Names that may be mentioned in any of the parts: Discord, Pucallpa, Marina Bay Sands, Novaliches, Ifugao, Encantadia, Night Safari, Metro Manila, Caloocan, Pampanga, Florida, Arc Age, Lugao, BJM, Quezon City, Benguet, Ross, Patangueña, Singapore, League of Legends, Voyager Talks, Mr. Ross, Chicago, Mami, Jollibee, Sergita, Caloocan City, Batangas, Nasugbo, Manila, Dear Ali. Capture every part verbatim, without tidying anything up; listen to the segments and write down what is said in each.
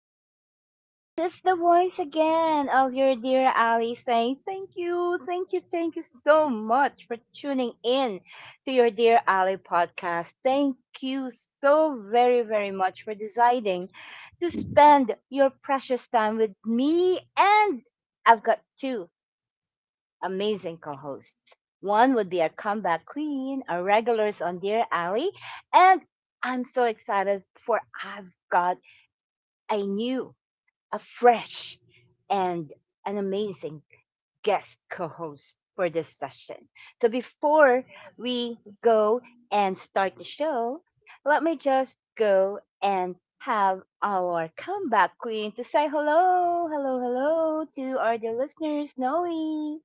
Yes, it's the voice again of your dear Ali saying thank you, thank you, thank you so much for tuning in to your dear Ali podcast. Thank you so very, very much for deciding to spend your precious time with me. And I've got two amazing co hosts. One would be our comeback queen, our regulars on Dear Alley, and I'm so excited for I've got a new, a fresh, and an amazing guest co host for this session. So before we go and start the show, let me just go and have our comeback queen to say hello, hello, hello to our dear listeners, Noe.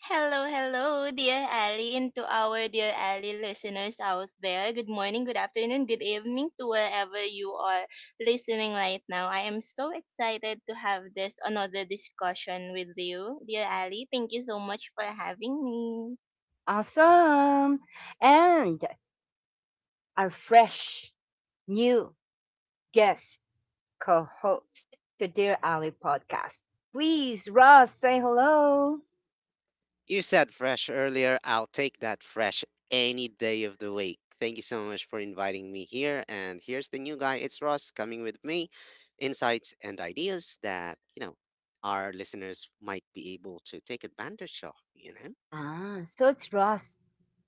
Hello, hello, dear Ali, and to our dear Ali listeners out there. Good morning, good afternoon, good evening to wherever you are listening right now. I am so excited to have this another discussion with you, dear Ali. Thank you so much for having me. Awesome. And our fresh new guest co host to Dear Ali podcast. Please, Ross, say hello. You said fresh earlier. I'll take that fresh any day of the week. Thank you so much for inviting me here. And here's the new guy. It's Ross coming with me, insights and ideas that, you know, our listeners might be able to take advantage of, you know? Ah, so it's Ross.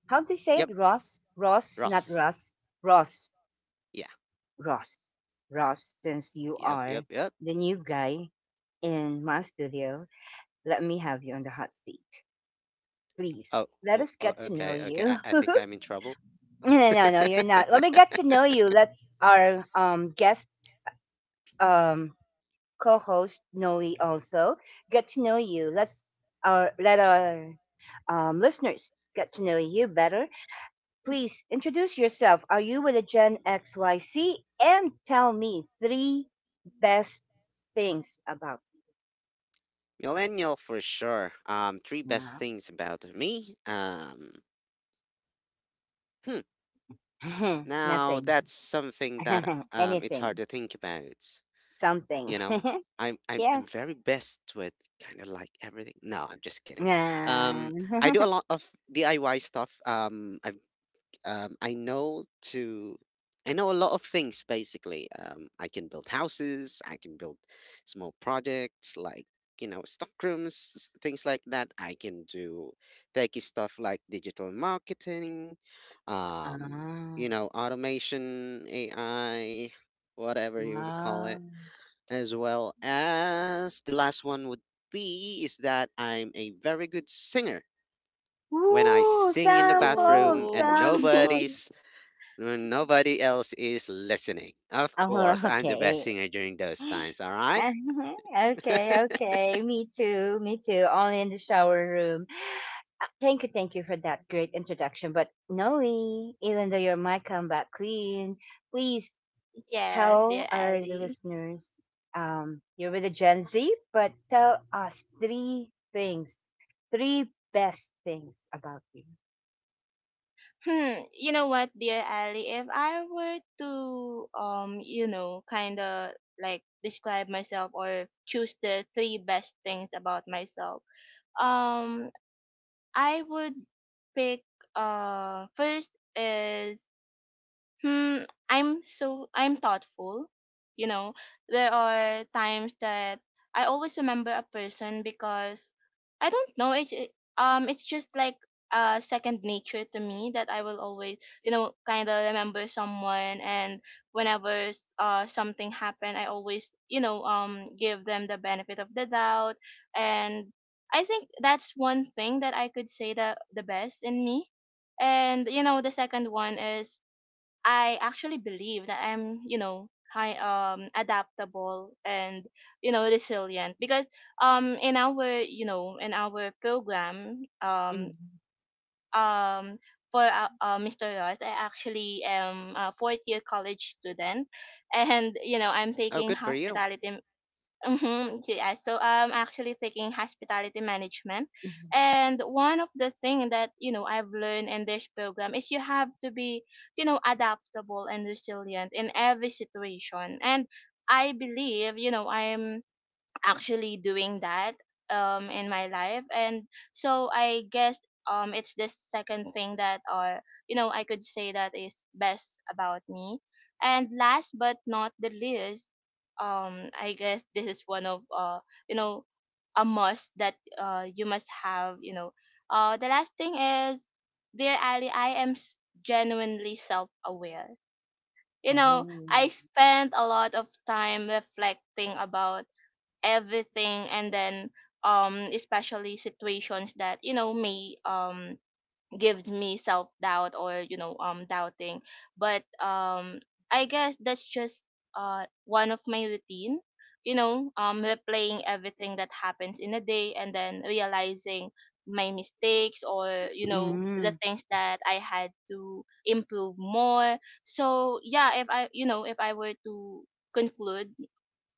How do you say Yep, it? Ross? Ross, not Ross. Russ. Ross. Yeah. Ross. Ross, since you Yep, yep, are yep. the new guy in my studio, let me have you on the hot seat. Please, Oh, let oh, us oh, get to know okay, okay. you. I, I think I'm in trouble. No, no, no, no, you're not. Let me get to know you. Let our um guests um co-host Noe also get to know you. Let's our let our um listeners get to know you better. Please introduce yourself. Are you with a Gen X Y C? And tell me three best things about Millennial for sure. Um, three best you. things about me. Um, Hmm. No. Now nothing. that's something that um it's Anything. hard to think about. Something. You know, I'm I'm Yes. I'm very best with kind of like everything. No, I'm just kidding. Ah. Um, I do a lot of D I Y stuff. Um, I've um, I know to I know a lot of things basically. Um, I can build houses, I can build small projects like you know stockrooms, s- things like that. I can do techy stuff like digital marketing, um, Ah. you know, automation, A I, whatever you would call it, Wow. as well as the last one would be is that I'm a very good singer when I Ooh, sing in the sample, bathroom Oh, and sample. nobody's when nobody else is listening. Of Oh, course, I'm the best okay. singer during those times, all right? Okay, okay. Me too, me too. Only in the shower room. Uh, Thank you, thank you for that great introduction. But Noe, even though you're my comeback queen, please yes, tell dear our Ali. listeners, um, you're with a Gen Z, but tell us three things, three best things about you. Hmm, you know what, dear Ali? If I were to um, you know, kind of like describe myself or choose the three best things about myself, um, I would pick uh first is Hmm, I'm so I'm thoughtful. You know, there are times that I always remember a person because I don't know, it's it- um it's just like uh second nature to me, that I will always you know kind of remember someone, and whenever s- uh something happened, I always you know um give them the benefit of the doubt. And I think that's one thing that I could say, the the best in me. And you know the second one is, I actually believe that I'm, you know, high, um adaptable and you know resilient, because um in our you know in our program, um Mhm, um for uh, uh, mister Ross, I actually am a fourth year college student, and you know I'm Oh, taking good for you. hospitality. Mm-hmm. Yeah, so I'm actually taking hospitality management, mhm. and one of the thing that you know I've learned in this program is you have to be you know adaptable and resilient in every situation. And I believe you know I'm actually doing that um in my life. And so I guess um it's the second thing that uh you know I could say that is best about me. And last but not the least, um I guess this is one of uh you know a must that uh you must have you know uh The last thing is, dear Ali, I am s- genuinely self-aware. you know I Oh. spent a lot of time reflecting about everything, and then um especially situations that you know may um give me self doubt, or you know um doubting. But um I guess that's just uh one of my routine, you know um replaying everything that happens in a day and then realizing my mistakes, or you know the Mm, things that I had to improve more. So, yeah, if i you know if i were to conclude,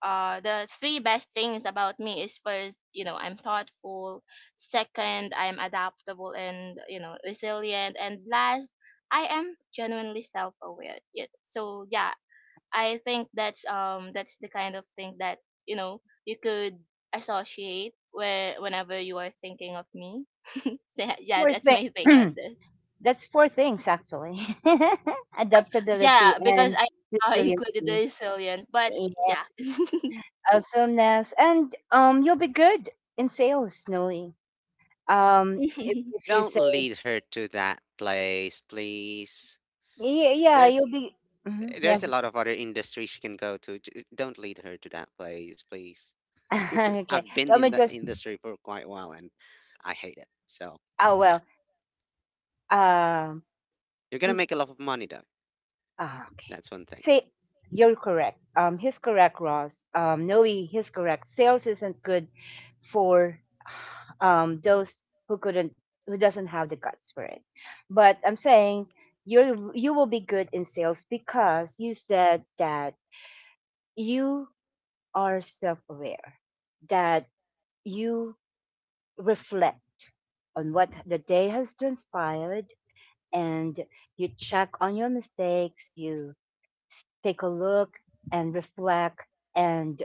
uh the three best things about me is: first, you know I'm thoughtful; second, I'm adaptable and you know resilient; and last, I am genuinely self-aware. Yeah. So, yeah, I think that's um that's the kind of thing that you know you could associate where whenever you are thinking of me. So, yeah, yeah, Four that's thing. my take on this. That's four things actually: adaptability Yeah, because and I, uh, included the resiliency, resilient, but yeah, yeah. awesomeness, and, um, you'll be good in sales, Snowy. Um, if, if you Don't say, lead her to that place, please. yeah, yeah There's you'll be. Mhm, there's a yes. lot of other industries she can go to. J- Don't lead her to that place, please. Okay. I've been Let in me the just. industry for quite a while and I hate it. So, Oh yeah. well. Um. You're going to mm, make a lot of money though. ah, okay. That's one thing. Say you're correct. Um, he's correct, Ross. Um, Noe, he's correct. Sales isn't good for um those who couldn't who doesn't have the guts for it, but I'm saying you you will be good in sales because you said that you are self-aware, that you reflect on what the day has transpired, and you check on your mistakes, you take a look and reflect, and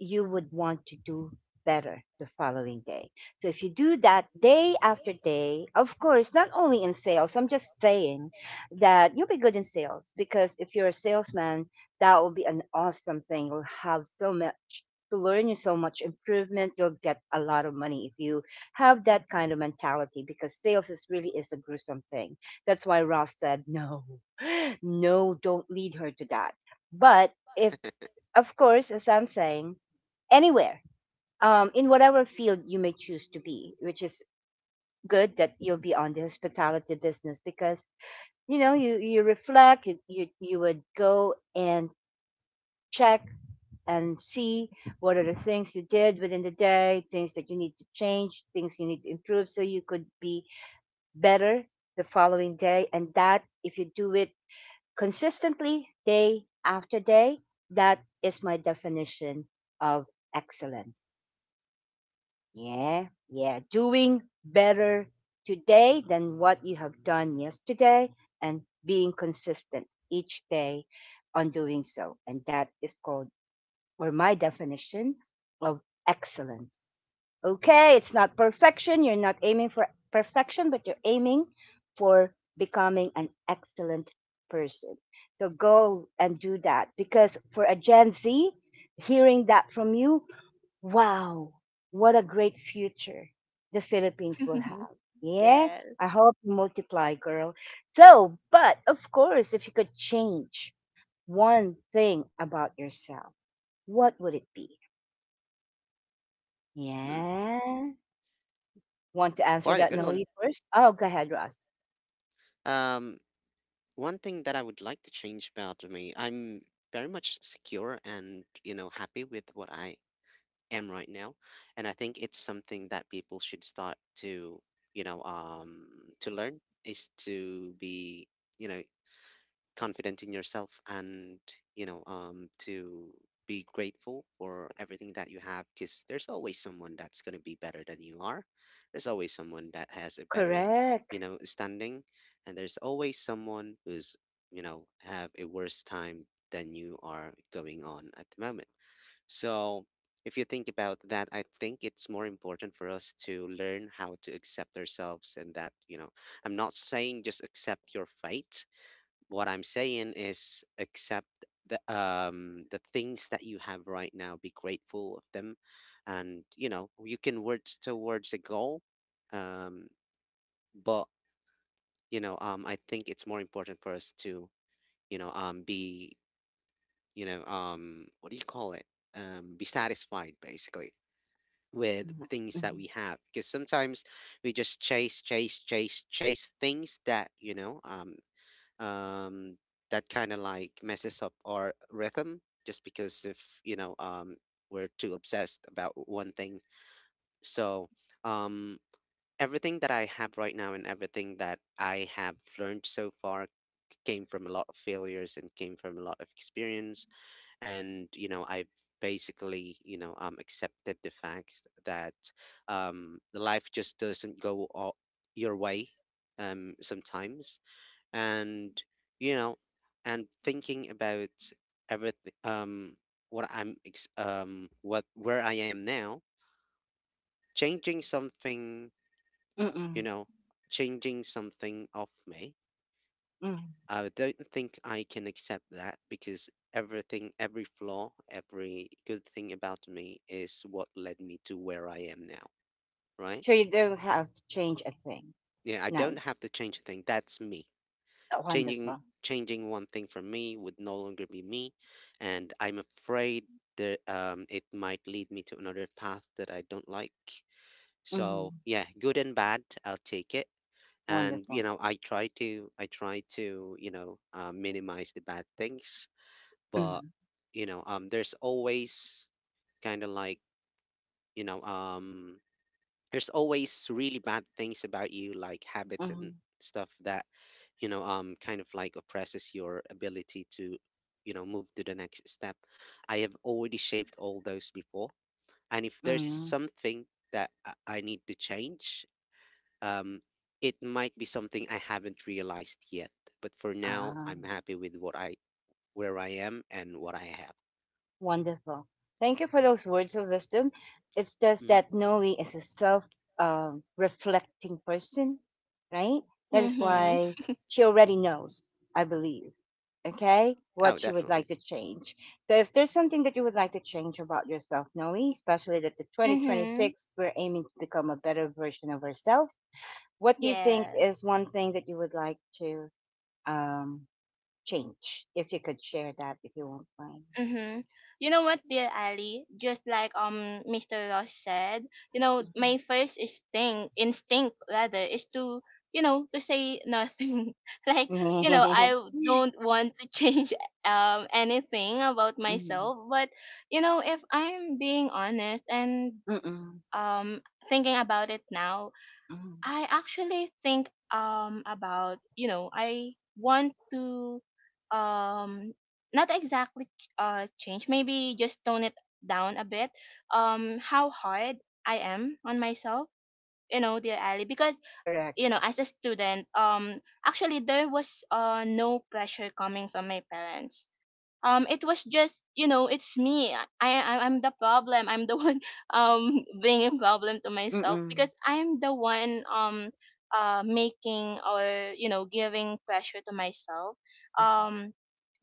you would want to do better the following day. So if you do that day after day, of course, not only in sales, I'm just saying that you'll be good in sales because if you're a salesman, that will be an awesome thing. You'll have so much to learn, you so much improvement. You'll get a lot of money if you have that kind of mentality because sales is really is a gruesome thing. That's why Ross said, no, no, don't lead her to that. But if, of course, as I'm saying, anywhere, um, in whatever field you may choose to be, which is good that you'll be on the hospitality business because you know you you reflect, you you, you would go and check and see what are the things you did within the day, things that you need to change, things you need to improve, so you could be better the following day. And that, if you do it consistently, day after day, that is my definition of excellence. Yeah, yeah. Doing better today than what you have done yesterday and being consistent each day on doing so. And that is called, or my definition of excellence. Okay, it's not perfection. You're not aiming for perfection, but you're aiming for becoming an excellent person. So go and do that because for a Gen Z, hearing that from you, wow, what a great future the Philippines will have. Yeah, Yeah. I hope you multiply, girl. So, but of course, if you could change one thing about yourself, what would it be? Hmm, Yeah. Want to answer quite a that, good No, one. you first? Oh, go ahead, Ross. Um one thing that I would like to change about me, I'm very much secure and, you know, happy with what I am right now. And I think it's something that people should start to, you know, um, to learn is to be, you know, confident in yourself, and you know um to be grateful for everything that you have, because there's always someone that's going to be better than you are, there's always someone that has a better Correct. you know standing, and there's always someone who's you know have a worse time than you are going on at the moment. So if you think about that, I think it's more important for us to learn how to accept ourselves, and that, you know, I'm not saying just accept your fate. What I'm saying is, accept the um the things that you have right now. Be grateful of them, and you know you can words towards a goal, um, but you know um I think it's more important for us to you know um be you know um what do you call it, um be satisfied basically with Mhm, things that we mhm, have, because sometimes we just chase chase chase chase things that you know um um, that kind of like messes up our rhythm just because if, you know um, we're too obsessed about one thing. So, um, everything that I have right now and everything that I have learned so far came from a lot of failures and came from a lot of experience, and you know I've basically, you know um, accepted the fact that, um, life just doesn't go all your way, um, sometimes. And you know and thinking about everything, um what I'm ex- um what where I am now, changing something, you mm-mm. know changing something of me, mm I don't think I can accept that, because everything, every flaw, every good thing about me is what led me to where I am now, right? So you don't have to change a thing. Yeah, I don't Nice. have to change a thing. That's me. Changing Wonderful. changing one thing for me would no longer be me, and I'm afraid that, um, it might lead me to another path that I don't like. So hmm yeah, good and bad, I'll take it. And, you Wonderful. know, I try to, I try to you know uh, minimize the bad things, but, Mm-hmm. you know, um, there's always kind of like, you know um there's always really bad things about you like habits and Mm-hmm. stuff that, you know um kind of like oppresses your ability to, you know move to the next step. I have already shaved all those before, and if there's Mm-hmm. something that i I need to change, um it might be something I haven't realized yet, but for now Ah. I'm happy with what I where I am and what I have. Wonderful. Thank you for those words of wisdom. It's just that Mm-hmm. Noe is a self um, reflecting person, right? That is Mm-hmm. Hmm. why she already knows, I believe, okay, Oh, what she would definitely. like to change. So if there's something that you would like to change about yourself, Noe, especially that the Mm-hmm. twenty twenty-six, we're aiming to become a better version of ourselves, what do you think Yes. is one thing that you would like to, um, change? If you could share that, if you won't Mm-hmm. You know what, dear Ali? Just like um mister Ross said, you know, my first instinct instinct rather, is to you know, to say nothing. Like, you know, mind. I don't want to change um anything about Mm, myself. But, you know, if I'm being honest, and mm, um thinking about it now, mm. I actually think um about, you know I want to, um not exactly uh change, maybe just tone it down a bit, um how hard I am on myself, you know dear Ali. Because you Correct. know as a student, um actually, there was uh no pressure coming from my parents. Um it was just, you know it's me. I, I i'm the problem, I'm the one. Um being a problem to myself, Mm. because I'm the one, um uh making, or you know giving pressure to myself um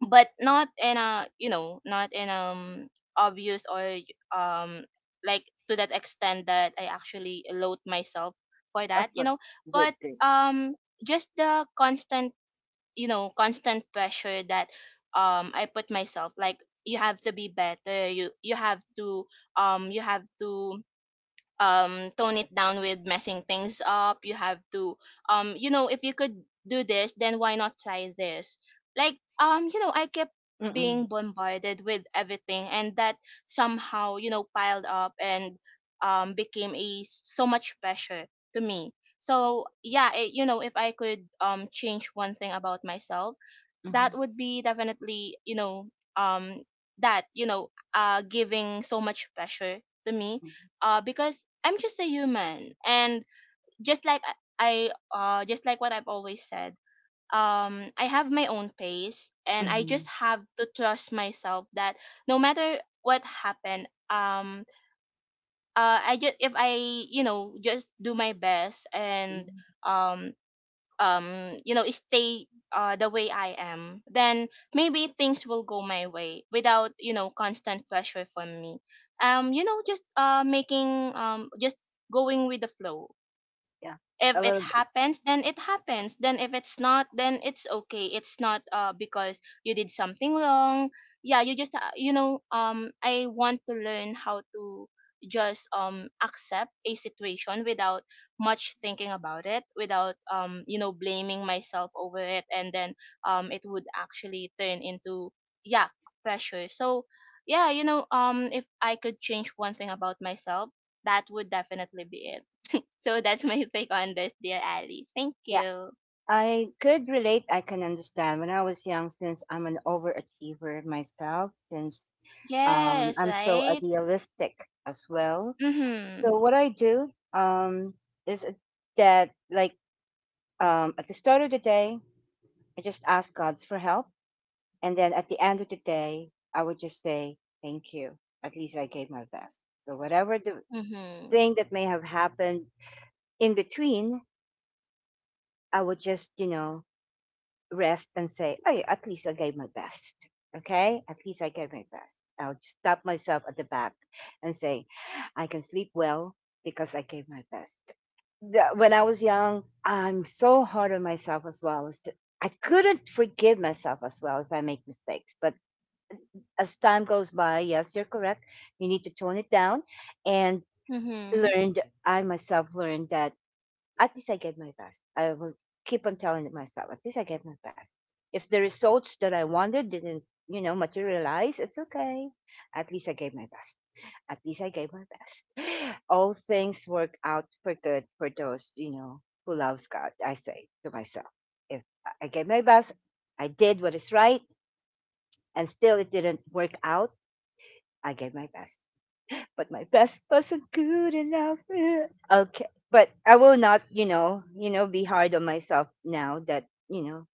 but not in a you know not in um obvious, or um like, to that extent that I actually load myself for Of that, you course, know but good, good. um just the constant you know constant pressure that um I put myself, like, you have to be better, you you have to um you have to um tone it down with messing things up. You have to um you know If you could do this, then why not try this? Like, um you know I kept Mm, being bombarded with everything, and that somehow you know piled up and um became a so much pressure to me. So, yeah, it, you know if I could um change one thing about myself, mhm, that would be definitely, you know um that, you know uh giving so much pressure to me. mhm, uh Because I'm just a human, and just like i I, uh just like what I've always said, um I have my own pace, and I just mhm, have to trust myself that no matter what happened, um uh I just if I you know just do my best and mhm. um um you know stay uh the way I am. Then maybe things will go my way, without you know constant pressure from me. Um you know just uh making, um just going with the flow. Yeah, If a it little bit. happens, then it happens. Then if it's not, then it's okay, it's not uh because you did something wrong. Yeah, you just, uh, you know um I want to learn how to just um accept a situation without much thinking about it, without um you know blaming myself over it, and then um it would actually turn into, yeah, pressure. So, yeah, you know um if I could change one thing about myself, that would definitely be it. So that's my take on this, dear Ali. Thank Yeah, you. I could relate. I can understand. When I was young, since I'm an overachiever myself, since um, Yes, I'm so right? idealistic as well. Mm-hmm. So what I do, um, is that, like, um, at the start of the day, I just ask God's for help. And then at the end of the day, I would just say, thank you. At least I gave my best. So whatever the Mm-hmm. thing that may have happened in between, I would just, you know, rest and say, oh, yeah, at least I gave my best. Okay. At least I gave my best. I'll just stop myself at the back and say, I can sleep well because I gave my best. The- When I was young, I'm so hard on myself as well. I couldn't forgive myself as well if I make mistakes, but as time goes by, yes, you're correct. You need to tone it down and Mm-hmm. learned, I myself learned that at least I gave my best. I will keep on telling myself, at least I gave my best. If the results that I wanted didn't, you know, materialize, it's okay. At least I gave my best. At least I gave my best. All things work out for good for those, you know, who loves God, I say to myself. If I I gave my best, I did what is right, and still it didn't work out, I gave my best. But my best wasn't good enough. Eh. Okay, but I will not, you know, you know, be hard on myself now that you know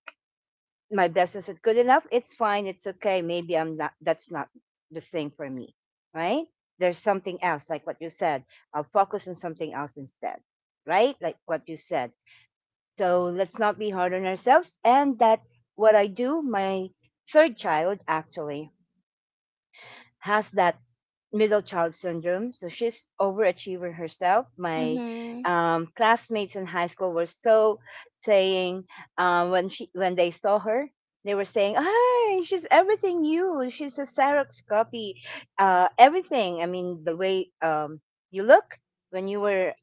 my best isn't good enough. It's fine. It's okay. Maybe I'm not. That's not the thing for me, right? There's something else, like what you said. I'll focus on something else instead, right? Like what you said. So let's not be hard on ourselves. And that what I do, my third child actually has that middle child syndrome. So she's overachiever herself. My, Mm-hmm. um, classmates in high school were so saying, um, when she when they saw her, they were saying, "Hi, she's everything you. She's a Xerox copy. Uh, everything. I mean, the way, um, you look when you were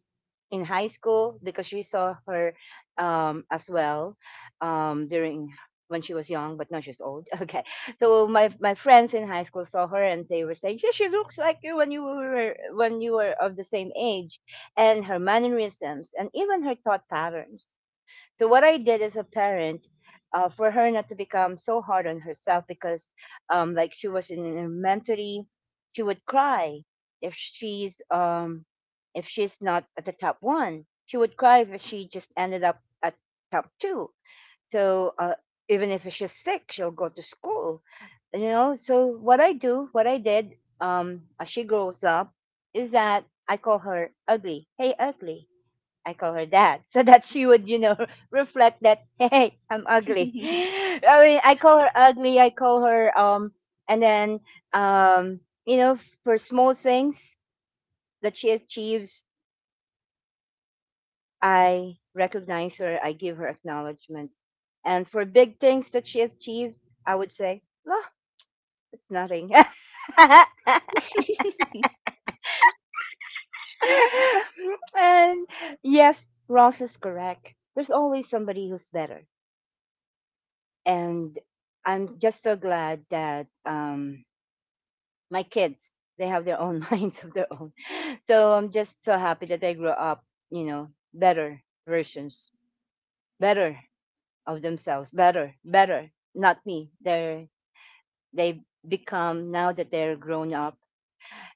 in high school because we saw her, um, as well, um, during when she was young, but now she's old." Okay, so my my friends in high school saw her and they were saying, "Yeah, she looks like you when you were when you were of the same age," and her mannerisms and even her thought patterns. So what I did as a parent, uh, for her not to become so hard on herself because, um, like she was in elementary, she would cry if she's um, if she's not at the top one. She would cry if she just ended up at top two. So, uh, even if she's sick, she'll go to school. You know. So what I do, what I did, um, as she grows up, is that I call her ugly. Hey, ugly I call her dad, so that she would, you know, reflect that, hey, I'm ugly. I mean, I call her ugly. I call her, um, and then, um, you know, for small things that she achieves, I recognize her. I give her acknowledgement, and for big things that she achieves, I would say, oh, it's nothing. And yes, Ross is correct. There's always somebody who's better, and I'm just so glad that, um, my kids they have their own minds of their own. So I'm just so happy that they grew up, you know, better versions, better of themselves, better, better. Not me. They're they become, now that they're grown up,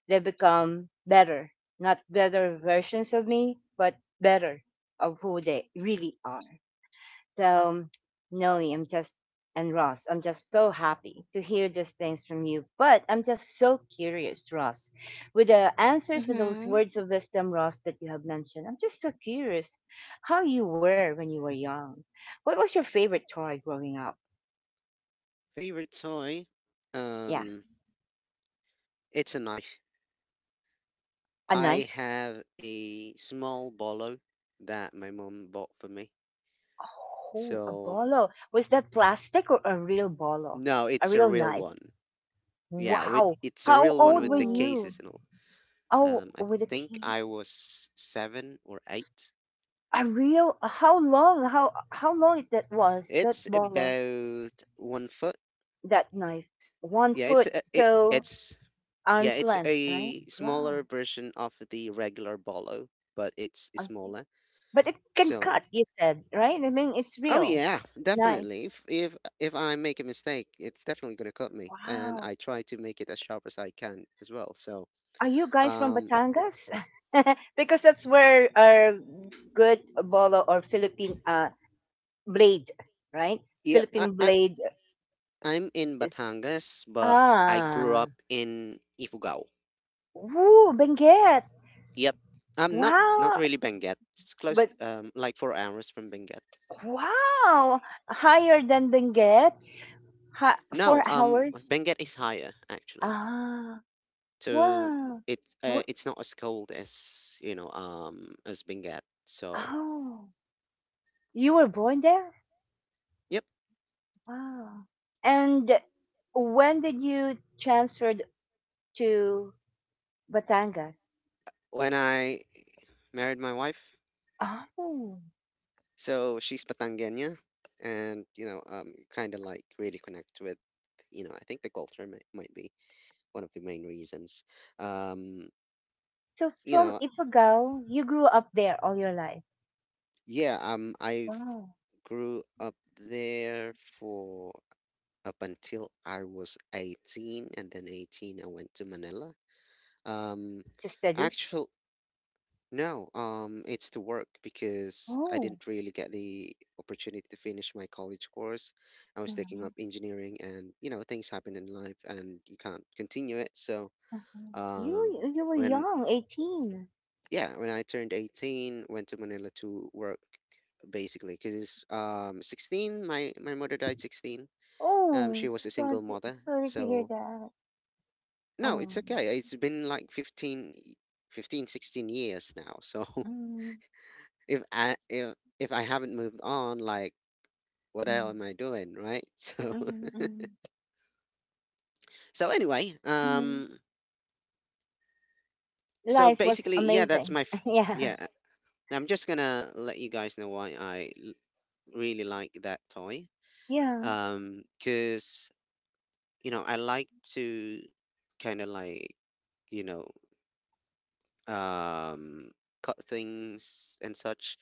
they become better, not better versions of me, but better of who they really are. So, Noe, I'm just, and Ross, I'm just so happy to hear these things from you. But I'm just so curious, Ross, with the answers, with those Mm-hmm. words of wisdom, Ross, that you have mentioned. I'm just so curious how you were when you were young. What was your favorite toy growing up? Favorite toy, Yeah, um it's a knife. a I knife? have a small bolo that my mom bought for me. Oh, a So bolo. Was that plastic or a real bolo? no, A it's a real real knife? one. Yeah, with Wow. it's a How real one old with were the Oh. you? cases and all. Oh, Um, I with a think kid? I was seven or eight. A real how long how how long that was that It's bola, about one foot. that knife? one Yeah, it's foot a, it, so it's yeah, arm's it's length, right? a Wow. smaller version of the regular bolo, but it's I see, smaller. but it can So, cut, you said, right? I mean, it's oh real. yeah, Nice. definitely. If if if I make a mistake, it's definitely gonna cut me, and Wow. I try to make it as sharp as I can as well. So, Are you guys from um, Batangas? Because that's where our good bola, or Philippine uh blade, right? yeah, I, Philippine I blade I'm in is. Batangas, but I grew Ah, up in Ifugao. woo, Benguet. Yep, um, not not Wow. really Benguet. It's close, But um, like four hours from Benguet. wow! Higher than Benguet? Ha- four No, um, hours? Benguet is higher actually. Ah, So wow. it's uh, Wo- it's not as cold as, you know, um, as Benguet. So. Oh, you were born there? Yep. Wow. And when did you transferred to Batangas? When I married my wife, Oh, so she's Patangueña, and, you know, um, kind of like really connect with, you know, I think the culture might, might be one of the main reasons. Um, so you from know, Ifugao, you grew up there all your life? yeah, um, I've Wow. grew up there for up until I was eighteen, and then eighteen I went to Manila. Um, To study? actual No, um, it's to work because I Oh, didn't really get the opportunity to finish my college course. I was taking mhm, up engineering, and, you know, things happen in life, and you can't continue it. So, mhm. um, you you were when young, eighteen. yeah, when I turned eighteen, went to Manila to work, basically because, um sixteen, my my mother died, sixteen. Um she Oh, was a God, single mother. sorry to hear So that. no, it's Oh, okay, it's been like fifteen, fifteen, sixteen years now. So mm, if I if if I haven't moved on, like, what the hell mm, am I doing, right? So mhm, mhm, so anyway, mhm. um, so Life was basically, yeah, that's amazing. my f- Yeah. yeah. I'm just gonna let you guys know why I l- really like that toy. Yeah. Um, cause, you know I like to kind of like, you know um cut things and such,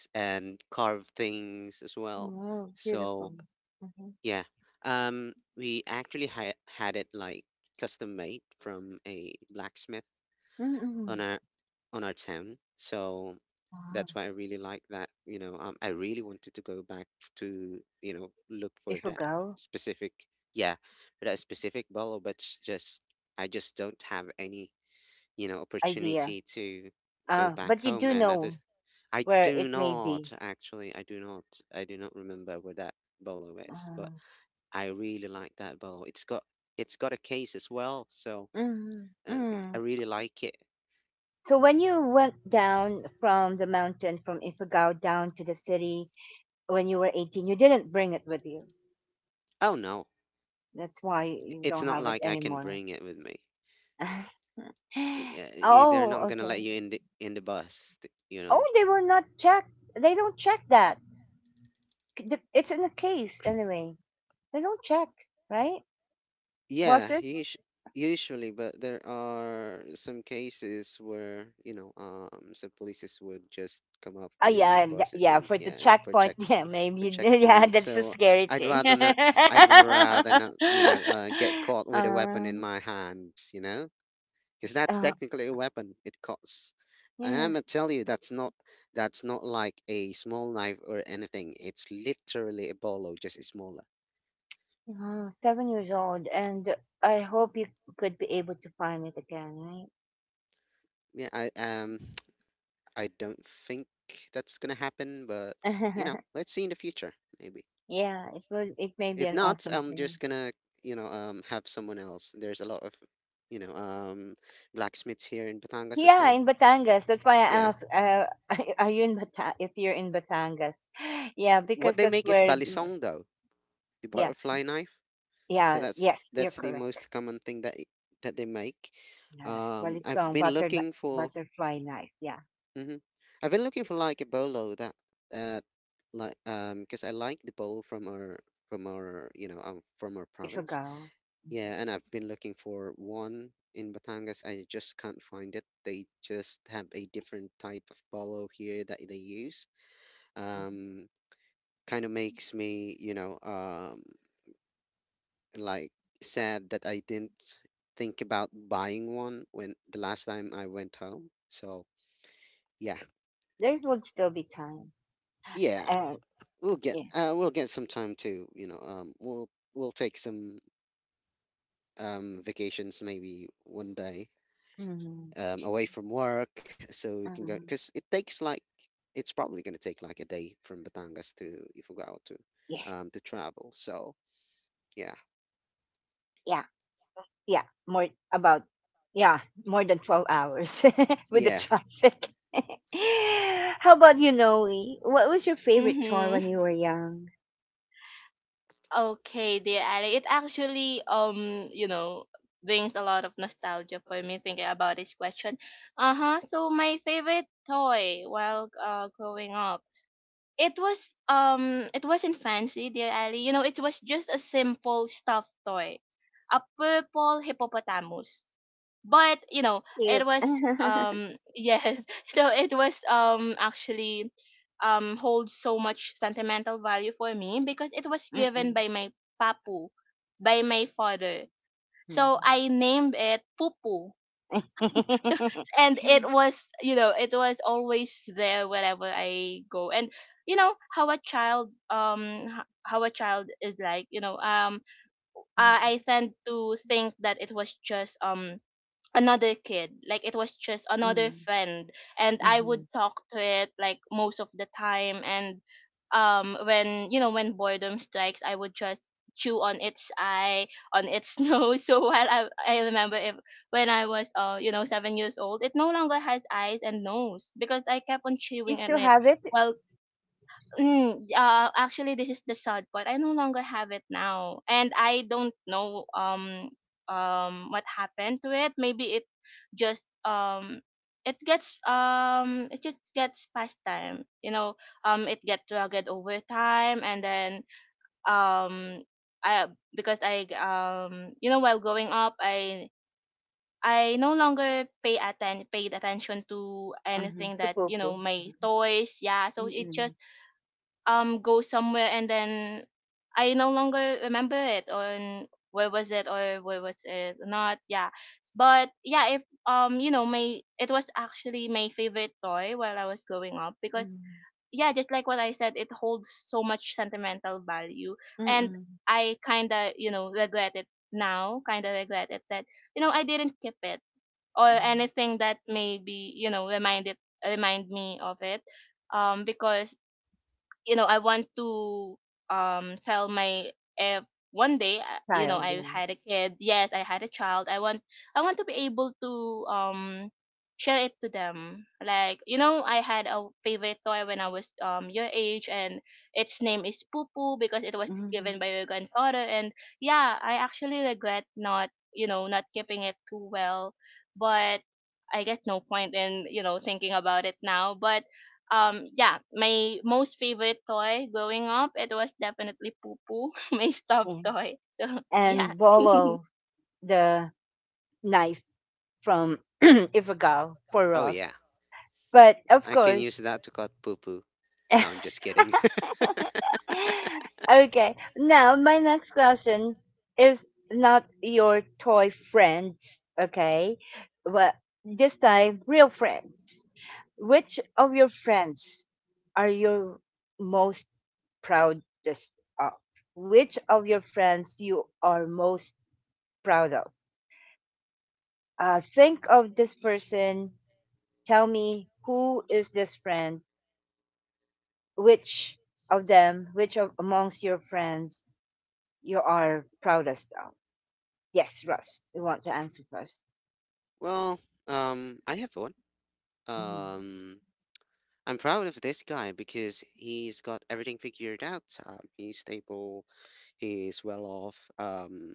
s- and carve things as well. Oh, beautiful. So Mm-hmm. yeah. Um, we actually ha had it like custom made from a blacksmith Mm-hmm. on our on our town. So Wow. that's why I really like that. You know, um, I really wanted to go back to, you know, look for that Ifugao specific, yeah, for that specific bottle, but it's just, I just don't have any, you know, idea. opportunity to go Uh, back but you home. do And at know this, I where do it may not be. actually, I do not, I do not remember where that bolo is, but. Uh, I really like that bowl. It's got it's got a case as well, so mm, uh, I mm. I really like it. So when you went down from the mountain, from Ifugao down to the city, when you were eighteen, you didn't bring it with you. Oh no, That's why you it's don't not have it like I can anymore. bring it with me. Yeah, y- uh, they're Oh, not gonna let okay. you in the in the bus, th- you Oh, know. they will not check. They don't check that. C- the- It's in the case anyway. They don't check, right? Yeah, Bosses? usu usually, but there are some cases where, you know, um, some polices would just come up Ah, to the yeah, and th- buses yeah. and, For the yeah, for checkpoint, check yeah, maybe. for Yeah, checkpoints. that's a So scary I'd thing. rather not. I'd rather not, you know, uh, get caught with a weapon in um, my hands, you know? Because that's uh, technically a weapon. It costs, and I'm gonna yes, tell you that's not that's not like a small knife or anything. It's literally a bolo, just smaller. uh, seven years old, and I hope you could be able to find it again, right? Yeah, I um I don't think that's gonna happen, but, you know, let's see in the future maybe. Yeah, it was. It may be If an not, awesome I'm thing. just gonna, you know um have someone else. There's a lot of, you know um blacksmiths here in Batangas as Yeah, well. in Batangas. That's why I Yeah, asked, uh, are you in Bata- if you're in Batangas? Yeah, what because they that's make is where, the- balisong though, the yeah, butterfly knife. So yeah, that's yes, you're that's the correct. most common thing that that they make. Yeah, Um, I've Balistong, been butter, looking for, butterfly knife. Yeah, hmm I've been looking for like a bolo that, uh, like, um, because I like the bolo from our from our you know um, from our if you province. go, Yeah, and I've been looking for one in Batangas. I just can't find it. They just have a different type of bolo here that they use. mhm. Um, kind of makes me, you know um like, sad that I didn't think about buying one when the last time I went home. So yeah, There would still be time. yeah, Uh, we'll get yeah. uh, we'll get some time to, you know um we'll we'll take some, um vacations maybe one day, Hmm. um away from work so we can go, Hmm. because it takes like it's probably gonna take like a day from Batangas to Ifugao to Yes. um to travel. So yeah, Yeah. Yeah. More about, yeah, more than twelve hours with the yeah. traffic. How about you, Noe? What was your favorite chore when Mm-hmm. you were young? Okay, dear Ali. It actually, um, you know, brings a lot of nostalgia for me thinking about this question. Uh-huh. So my favorite toy while uh growing up. It was um it wasn't fancy, dear Ali. You know it was just a simple stuffed toy, a purple hippopotamus. But you know it Cute. was um yes. So it was, um actually, um holds so much sentimental value for me, because it was given Mm-mm. by my papu, by my father. So Mhm. I named it pupu. So, and it Mhm. was you know it was always there wherever I go. And you know how a child, um h- how a child is like, you know um i I tend to think that it was just um another kid, like it was just another Mhm. friend. And I would Mhm. talk to it like most of the time, and um when you know when boredom strikes, I would just chew on its eye, on its nose. So while i, I remember, if, when I was uh you know seven years old, it no longer has eyes and nose, because I kept on You chewing on still it have it? while... Mm, uh, actually, this is the sad part. I no longer have it now, and I don't know um um what happened to it. Maybe it just um it gets um it just gets past time. You know, um it get rugged over time, and then um I because I, um you know while growing up, I. I no longer pay atten- paid attention to Mm-hmm. anything, The that you know popo. my Mm. toys, yeah, so it Mm-mm. just um go somewhere. And then I no longer remember it, or where was it or where was it not. Yeah. But yeah, if um you know my it was actually my favorite toy while I was growing up, because Mm-mm. yeah, just like what I said, it holds so much sentimental value. And Mm-mm. I kind of you know regret it now, kind of regret it, that you know I didn't keep it, or Mm. anything that maybe you know remind it remind me of it. Um because you know I want to, um tell my, uh, one day, I- you know Child, I yeah. had a kid, yes, I had a child. I want i want to be able to um share it to them, like, you know I had a favorite toy when I was um your age. And its name is poo poo, because it was Mm-hmm. given by your grandfather. And yeah, I actually regret not you know not keeping it too well. But I guess no point in you know thinking about it now, but um yeah, my most favorite toy growing up, it was definitely poo poo. My stuffed Yeah. toy. So, yeah. And Bolo, the knife from Ifugao for Oh Ross. yeah. But of I can course, use that to cut poo poo. No, I'm just kidding. okay. Now my next question is not your toy friends, okay? But this time real friends. Which of your friends are you most proudest of? Which of your friends you are most proud of? Uh, think of this person. Tell me who is this friend? Which of them, which of amongst your friends you are proudest of? Yes, Russ. We want to answer first. Well, um, I have one. Mhm. Um, I'm proud of this guy because he's got everything figured out. Um, he's stable. He's well off. Um,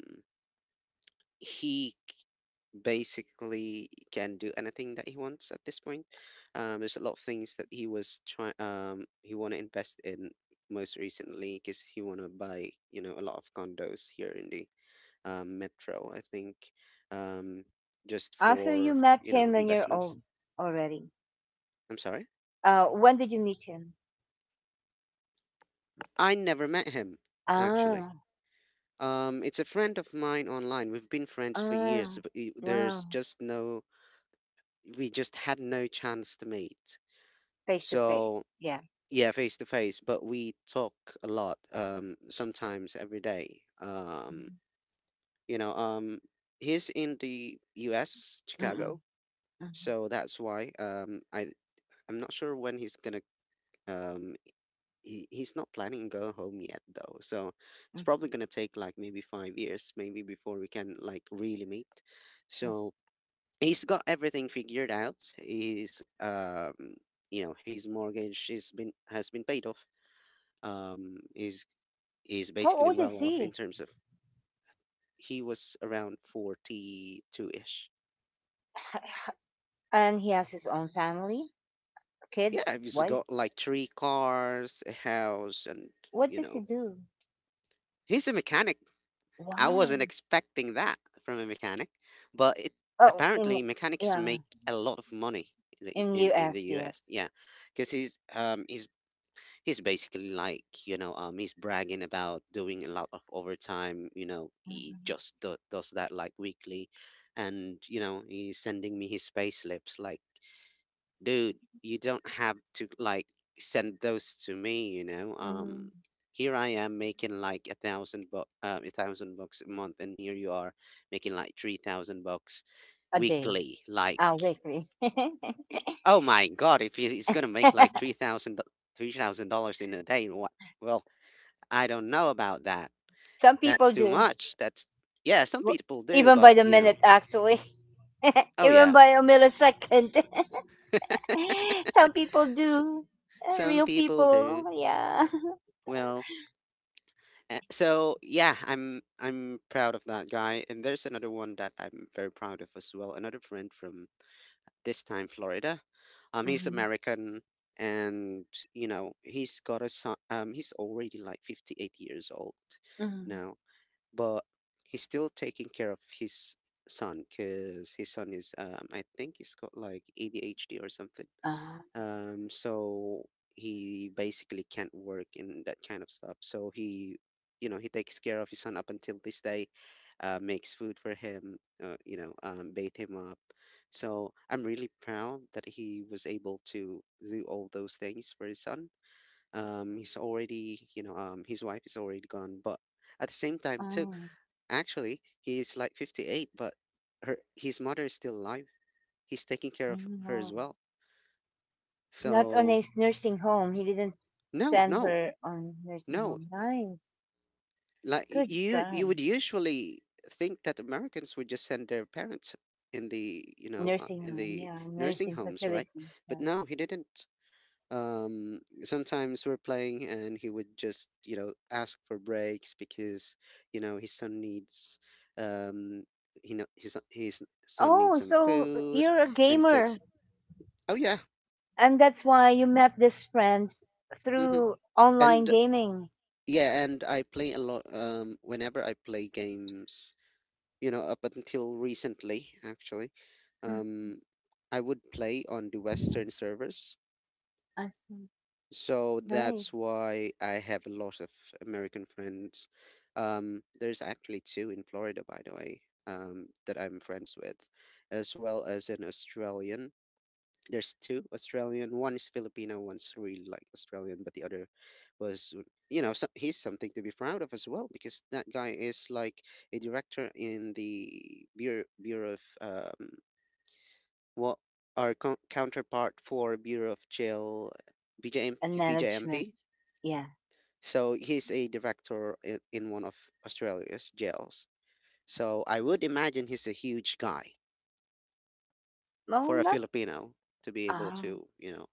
he c- Basically can do anything that he wants at this point. Um, there's a lot of things that he was trying. Um, he want to invest in most recently because he want to buy, you know, a lot of condos here in the um, Metro, I think, um, just Also, you for, met you know, him when you're investments. old already. I'm sorry? Uh, when did you meet him? I never met him, actually. Ah, Um, it's a friend of mine online. We've been friends for years, ah, but i- there's wow, just no, we just had no chance to meet. face to face. So, Yeah. yeah, face to face, but we talk a lot, um, sometimes every day. Um, Mhm. you know, um, he's in the U S, Mm-mm, Chicago, mm-mm, so that's why um I I'm not sure when he's gonna Um, he, he's not planning on going home yet though, so it's mm, probably gonna take like maybe five years, maybe before we can like really meet. mm. So he's got everything figured out. He's um, you know, his mortgage is been has been paid off. Um, he's he's How basically old well is off in he? terms of he was around forty-two ish. And he has his own family, kids, Yeah, he's wife. got like three cars, a house, and What you does he know, do? he's a mechanic. I Wow. wasn't expecting that from a mechanic, but it Oh, in apparently mechanics yeah, make a lot of money in the, in in, in the U S. Yes. U S. Yeah, because he's um he's he's basically like you know um he's bragging about doing a lot of overtime. You know he Mhm. just do, does that like weekly, and you know he's sending me his pay slips like, dude, you don't have to like send those to me, you know. Um, Mhm. Here I am making like a thousand bucks, uh, a thousand bucks a month, and here you are making like three thousand bucks A day. weekly. Like, Ah, weekly. oh my God, if he- he's gonna make like three thousand three thousand dollars in a day, what? Well, I don't know about that. Some people That's too do. much. That's yeah, some W- people do, Even by but the you know. minute, actually. Oh Even yeah. by a millisecond. Some people S- do. Uh, Some Real people people, do. yeah. Well, uh, so yeah, I'm I'm proud of that guy. And there's another one that I'm very proud of as well. Another friend from this time Florida. Um, he's Mhm, American, and you know he's got a son. Um, he's already like fifty-eight years old mhm. now, but he's still taking care of his son because his son is um I think he's got like A D H D or something. Ah, Um, so he basically can't work in that kind of stuff. So he, you know, he takes care of his son up until this day, uh, makes food for him, uh, you know, um, bathe him up. So I'm really proud that he was able to do all those things for his son. Um, he's already, you know, um, his wife is already gone, but at the same time too ah, actually, he's like fifty-eight, but her his mother is still alive. He's taking care of her mhm. as well. Not on a So nursing home. He didn't no, send no, her on nursing no. home. Nice. Like y- Good you, guy. you would usually think that Americans would just send their parents in the you know uh, Nursing in home, the yeah. nursing Nursing homes, right? facility. But Yeah. no, he didn't. Um sometimes we're playing and he would just you know ask for breaks because you know his son needs um he know his son- his son needs Oh, some so food you're a and it takes gamer. oh yeah And that's why you met these friends hmm through online and gaming. yeah and I play a lot um whenever I play games you know up until recently actually um I would play on the Western servers. Awesome. So that's Nice. why I have a lot of American friends. Um, there's actually two in Florida, by the way, um, that I'm friends with, as well as an Australian. There's two Australian. One is Filipino, one's really like Australian, but the other was, uh, you know, so he's something to be proud of as well because that guy is like a director in the Bureau, Bureau of um, what our co- counterpart for Bureau of Jail, And B J M, management. Yeah. so he's a director i- in one of Australia's jails. So I would imagine he's a huge guy Well, for a not Filipino to be able all to, you know,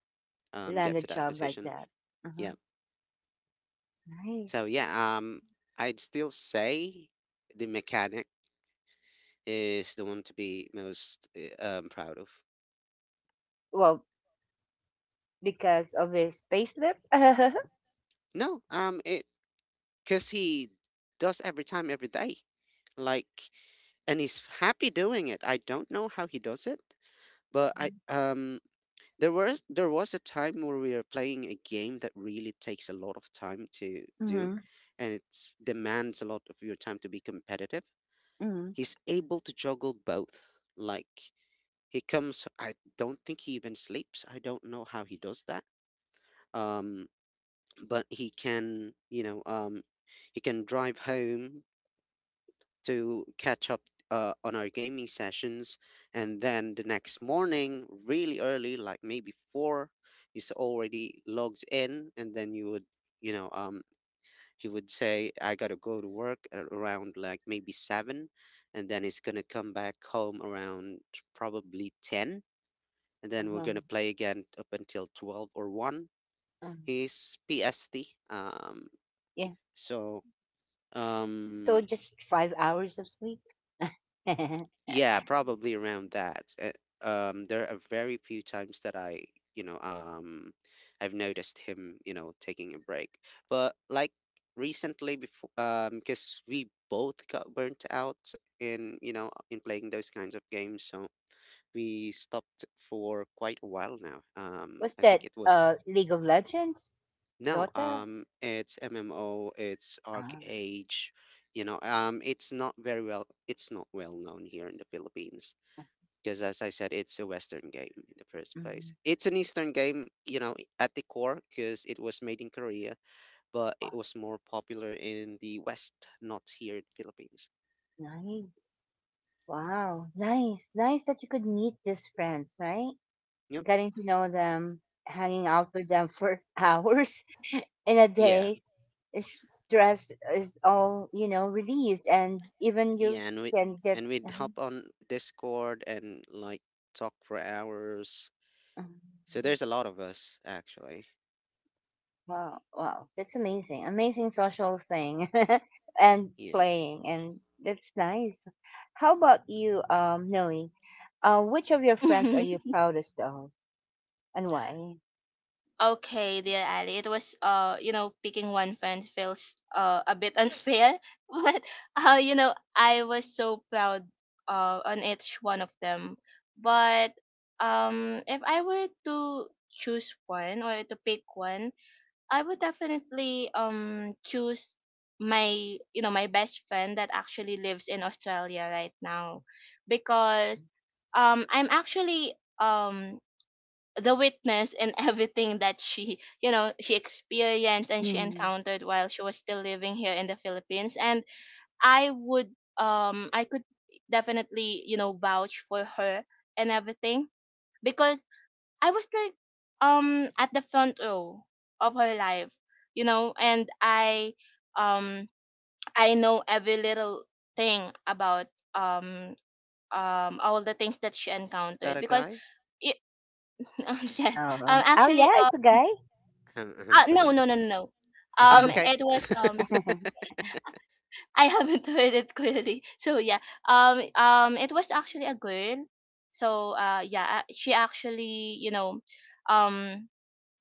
um, land get a to that job like position. that. Uh-huh. Yeah. Nice. So yeah, um, I'd still say the mechanic is the one to be most uh, um, proud of. Well, because of his payslip. Mm-hmm. No, um, it because he does every time, every day, like, and he's happy doing it. I don't know how he does it, but I um There was there was a time where we were playing a game that really takes a lot of time to do, and it demands a lot of your time to be competitive. Mm-hmm. He's able to juggle both. Like he comes, I don't think he even sleeps. I don't know how he does that. Um, but he can, you know, um, he can drive home to catch up uh, on our gaming sessions. And then the next morning, really early, like maybe four, he's already logs in. And then you would, you know, um, he would say, I got to go to work at around like maybe seven. And then he's going to come back home around probably ten. And then we're Uh-huh. going to play again up until twelve or one. Uh, He's P S T. Um, yeah. so. So Um just five hours of sleep. Yeah, probably around that. Uh, Um, there are very few times that I, you know, um, I've noticed him, you know, taking a break. But like recently, before, um, because we both got burnt out in, you know, in playing those kinds of games, so we stopped for quite a while now. Um, What's I that? think it was Uh, League of Legends? no, Dota? um, it's M M O, it's Arc Ah. Age, you know, um, it's not very well, it's not well known here in the Philippines because as I said, it's a Western game in the first place. Mhm. It's an Eastern game, you know, at the core, because it was made in Korea, but Oh, it was more popular in the West, not here in Philippines. nice. Wow. Nice. Nice that you could meet these friends, right? Yep. Getting to know them, hanging out with them for hours in a Yeah. day is stress is all, you know, relieved and even you Yeah, and we can get and we'd hop on Discord and like talk for hours. So there's a lot of us actually. wow, wow. That's amazing. Amazing social thing and Yeah. playing and that's nice. How about you, um, Noe? Uh, which of your friends are you proudest of and why? okay, dear Ali, it was uh you know picking one friend feels uh a bit unfair. But uh you know I was so proud uh on each one of them. But um if I were to choose one, or to pick one, I would definitely um choose my you know my best friend that actually lives in Australia right now. Because um I'm actually um the witness in everything that she you know she experienced and she Mm. encountered while she was still living here in the Philippines. And I would um I could definitely you know vouch for her and everything, because I was, like, um at the front row of her life, you know, and I um I know every little thing about um um all the things that she Is that encountered a because guy? it, yes. um No. Oh Actually, yeah, uh, it's a guy. Ahem, ahem, uh no, ahem. no, no, no, no. Oh, um okay. it was um I I haven't heard it clearly, so yeah. Um um it was actually a girl, so uh yeah, uh, she actually you know um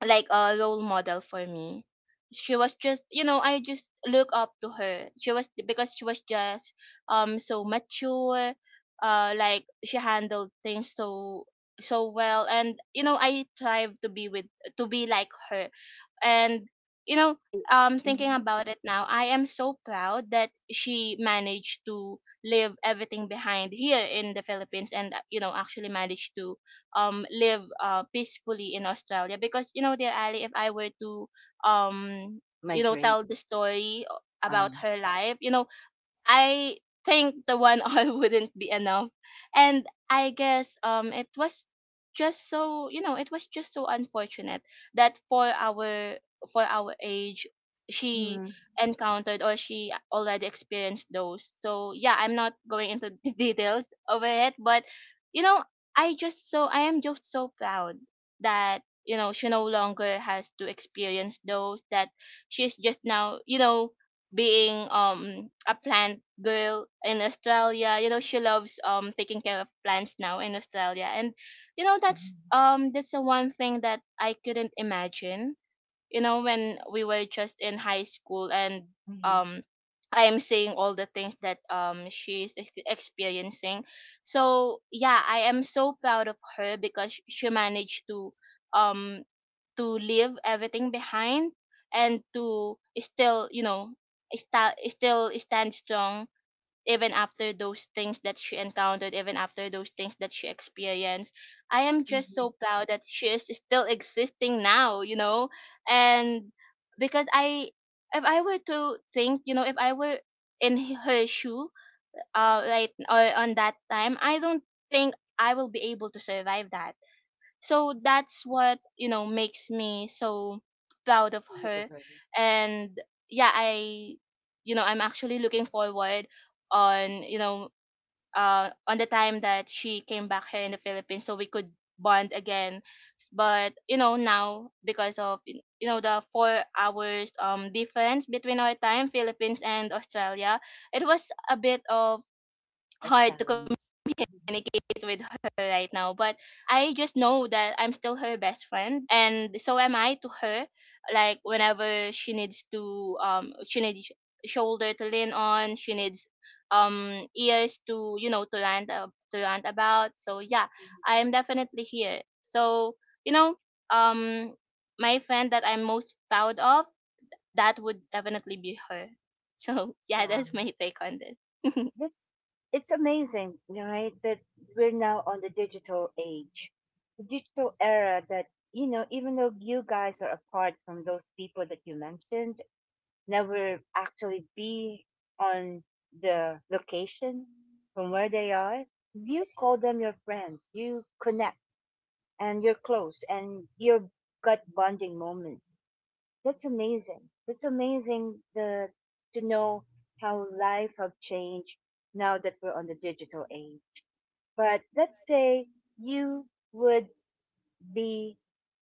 like a role model for me. She was just, you know, I just look up to her. She was because she was just um so mature, uh like she handled things so so well, and you know I strive to be with to be like her. And you know um thinking mm-hmm. about it now, I am so proud that she managed to leave everything behind here in the Philippines, and uh, you know actually managed to um live uh, peacefully in Australia. Because, you know, dear Ali, if I were to um you know Migrate. tell the story, o- Um, about her life, you know I think the one all wouldn't be enough. And I guess um it was just so you know, it was just so unfortunate that for our for our age, she mhm, encountered, or she already experienced, those. So yeah, I'm not going into the details over it, but you know, I just so I am just so proud that you know she no longer has to experience those, that she's just now, you know being um a plant girl in Australia. You know, she loves um taking care of plants now in Australia. And you know that's mhm, um that's the one thing that I couldn't imagine. You know, when we were just in high school and mhm, um I am seeing all the things that um she's ex- experiencing. So yeah, I am so proud of her because she managed to um to leave everything behind, and to still you know sta- still stand strong even after those things that she encountered, even after those things that she experienced. I am just so mhm, proud that she is still existing now you know And because I if I were to think, you know if I were in her shoe, uh, right, or on that time, I don't think I will be able to survive that. So that's what you know makes me so proud of her. delivery, And yeah, I you know I'm actually looking forward on you know uh on the time that she came back here in the Philippines, so we could bond again. S- but you know now, because of y- you know the four hours um difference between our time, Philippines and Australia, it was a bit of a hard to challenge. Mhm. communicate with her right now. But I just know that I'm still her best friend, and so am I to her. Like, whenever she needs to, um, she needs shoulder to lean on, she needs um ears to you know to rant uh, to rant about. So yeah, I am definitely here. So, you know, um, my friend that I'm most proud of, that would definitely be her. So yeah, that's Wow. my take on That's it's amazing, right? That we're now on the digital age, the digital era. That you know, even though you guys are apart from those people that you mentioned, never actually be on the location from where they are. You call them your friends. You connect, and you're close, and you've got bonding moments. That's amazing. That's amazing the, to know how life have changed now that we're on the digital age. But let's say you would be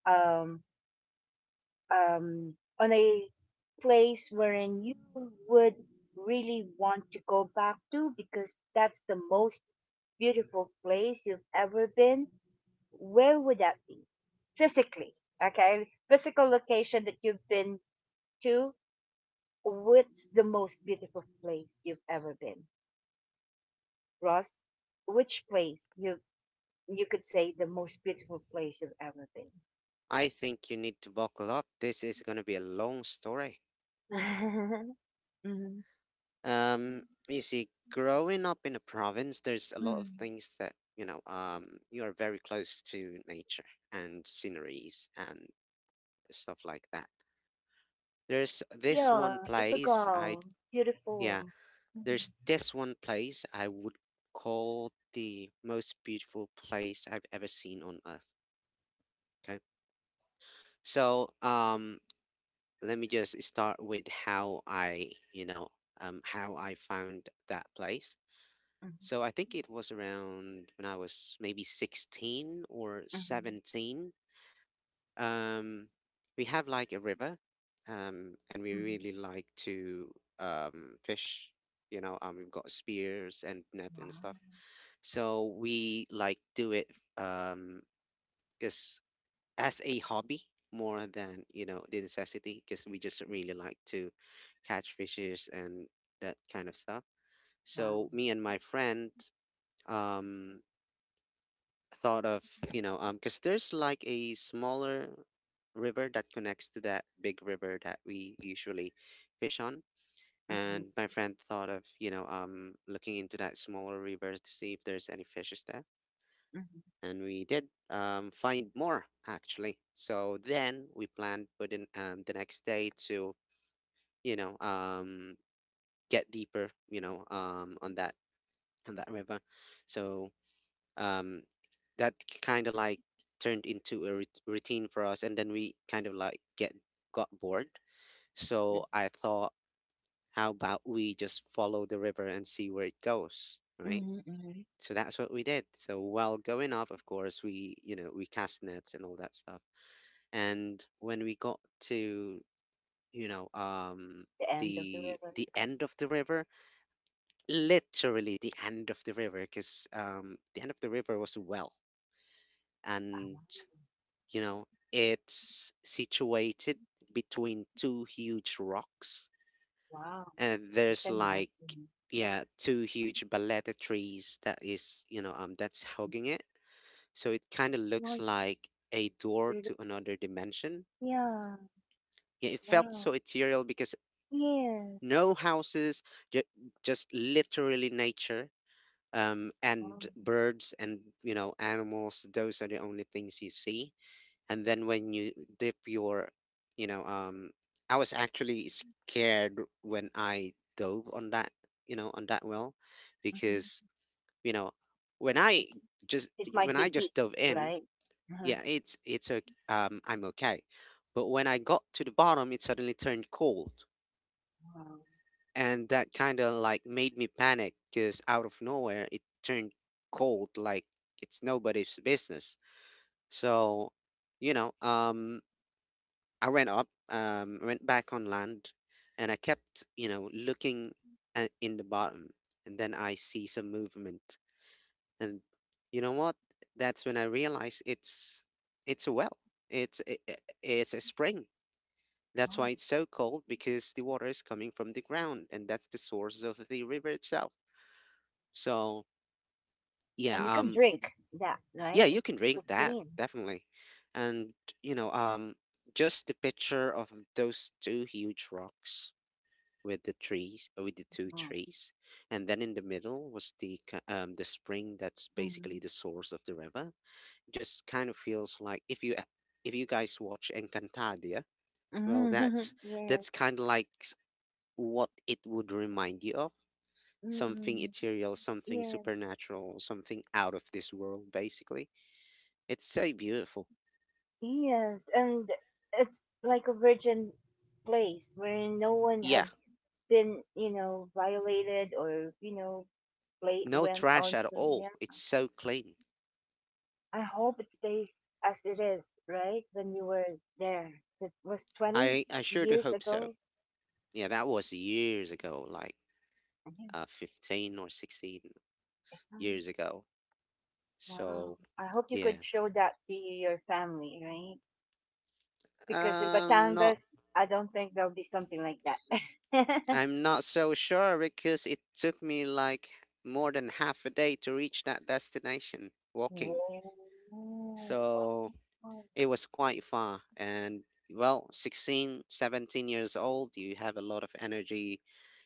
um, um, on a place wherein you would really want to go back to because that's the most beautiful place you've ever been. Where would that be? Physically, okay? Physical location that you've been to. What's the most beautiful place you've ever been, Ross? Which place you you could say the most beautiful place you've ever been? I think you need to buckle up. This is going to be a long story. Mhm. Um, you see, growing up in a province, there's a lot of Mm. things that, you know, um, you are very close to nature and sceneries and stuff like that. There's this one Yeah, it's a place I, girl, yeah, beautiful. Mhm, there's this one place I would call the most beautiful place I've ever seen on earth. Okay. So, um, let me just start with how I, you know, um, how I found that place. mhm, So I think it was around when I was maybe sixteen or mhm, seventeen. Um, we have like a river, um, and we mhm. really like to um, fish. You know, um, we've got spears and net and Wow, stuff. So we like do it um, because as a hobby more than you know the necessity because we just really like to catch fishes and that kind of stuff. wow. So me and my friend um thought of you know um because there's like a smaller river that connects to that big river that we usually fish on, Mhm, and my friend thought of you know um looking into that smaller river to see if there's any fishes there, mhm, and we did um, find more actually. So then we planned for the, um, the next day to, you know, um, get deeper, you know, um, on that on that river. So um, that kind of like turned into a rut- routine for us, and then we kind of like get got bored. mhm. So I thought, how about we just follow the river and see where it goes, right? Mhm. Mhm. So that's what we did. So while going off, of course, we you know we cast nets and all that stuff, and when we got to you know um The end of the the river. the end of the river, literally the end of the river because um the end of the river was a well, and you know it's situated between two huge rocks, Wow, and you there's can like imagine. Yeah, yeah two huge baleta trees that is you know um that's hugging it, so it kind of looks was like a door pretty. to another dimension. Yeah, Yeah, it felt wow. so ethereal because Yeah. no houses, ju- just literally nature, um, Wow. and birds and, you know, animals. Those are the only things you see. And then when you dip your, you know, um, I was actually scared when I dove on that, you know, on that well, Mhm. because, you know, when I just It might when be I deep, just dove in, right? Uh-huh. yeah, it's it's okay, um, I'm okay. But when I got to the bottom, it suddenly turned cold, Wow. and that kind of like made me panic because out of nowhere it turned cold like it's nobody's business. so you know um I went up, um went back on land, and I kept, you know looking at, in the bottom, and then I see some movement. And you know what, that's when I realized it's it's a well. It's a, a- it's a spring. That's why Wow. it's so cold, because the water is coming from the ground, and that's the source of the river itself. So And you yeah, can um, drink that, yeah, right? you It's can drink so that clean. definitely. and you know, um, just the picture of those two huge rocks, with the trees, with the two Wow. trees, and then in the middle was the ki- um the spring, that's basically the source of the river. Just kind of feels like if you a- if you guys watch Encantadia, well, Mm-hmm. that's Yes. that's kind of like s- what it would remind you of. Something Mm-mm. ethereal, something Yes. supernatural, something out of this world, basically. It's so beautiful. Yes. And it's like a virgin place where no one Yeah, have been, you know, violated or, you know, play no went trash on at to all. yeah. It's so clean. I hope it stays as it is, right? When you were there. It was twenty I I sure do years hope so. ago. Yeah, that was years ago, like I uh, fifteen or sixteen think. years ago. Wow. So, I hope you yeah. could show that to your family, right? Because in Um, not Batangas, I don't think there'll be something like that. I'm not so sure because it took me like more than half a day to reach that destination walking. Oh, So, wow. it was quite far. And well, sixteen, seventeen years old, you have a lot of energy.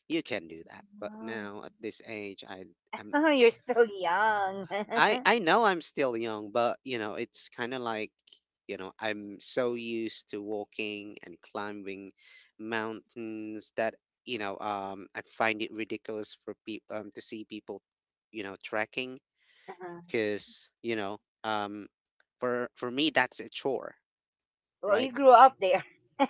You can do that. But Wow. now at this age, I am Oh, you're still young. I I know I'm still young, but you know, it's kind of like, you know, I'm so used to walking and climbing mountains that, you know, um I find it ridiculous for people um, to see people, you know, trekking Uh-huh. because, you know, um for for me that's a chore, Well, you right? grew up there.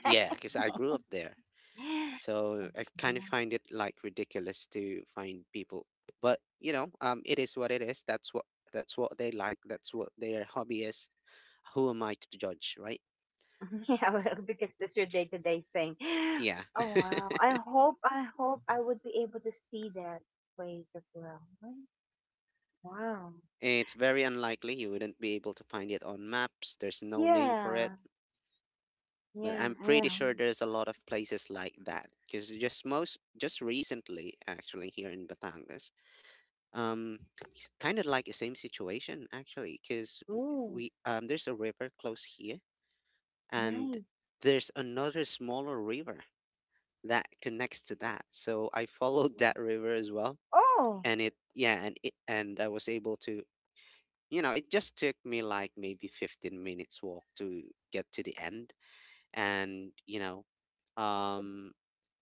Yeah, because I grew up there. So I kind of find it like ridiculous to find people. But, you know, um, it is what it is. That's what that's what they like. That's what their hobby is. Who am I to judge, right? Yeah, well, because that's your day-to-day thing. Yeah. Oh, wow. I hope, I hope I would be able to see that place as well. Wow. It's very unlikely, you wouldn't be able to find it on maps. There's no name for it. Yeah. But Yeah, I'm I know. pretty sure there's a lot of places like that. Because just most just recently, actually, here in Batangas, um kind of like the same situation actually, because Ooh. we um there's a river close here, and Nice. there's another smaller river that connects to that, so I followed that river as well. Oh, And it Yeah, and it, and I was able to, you know it just took me like maybe fifteen minutes walk to get to the end. And you know um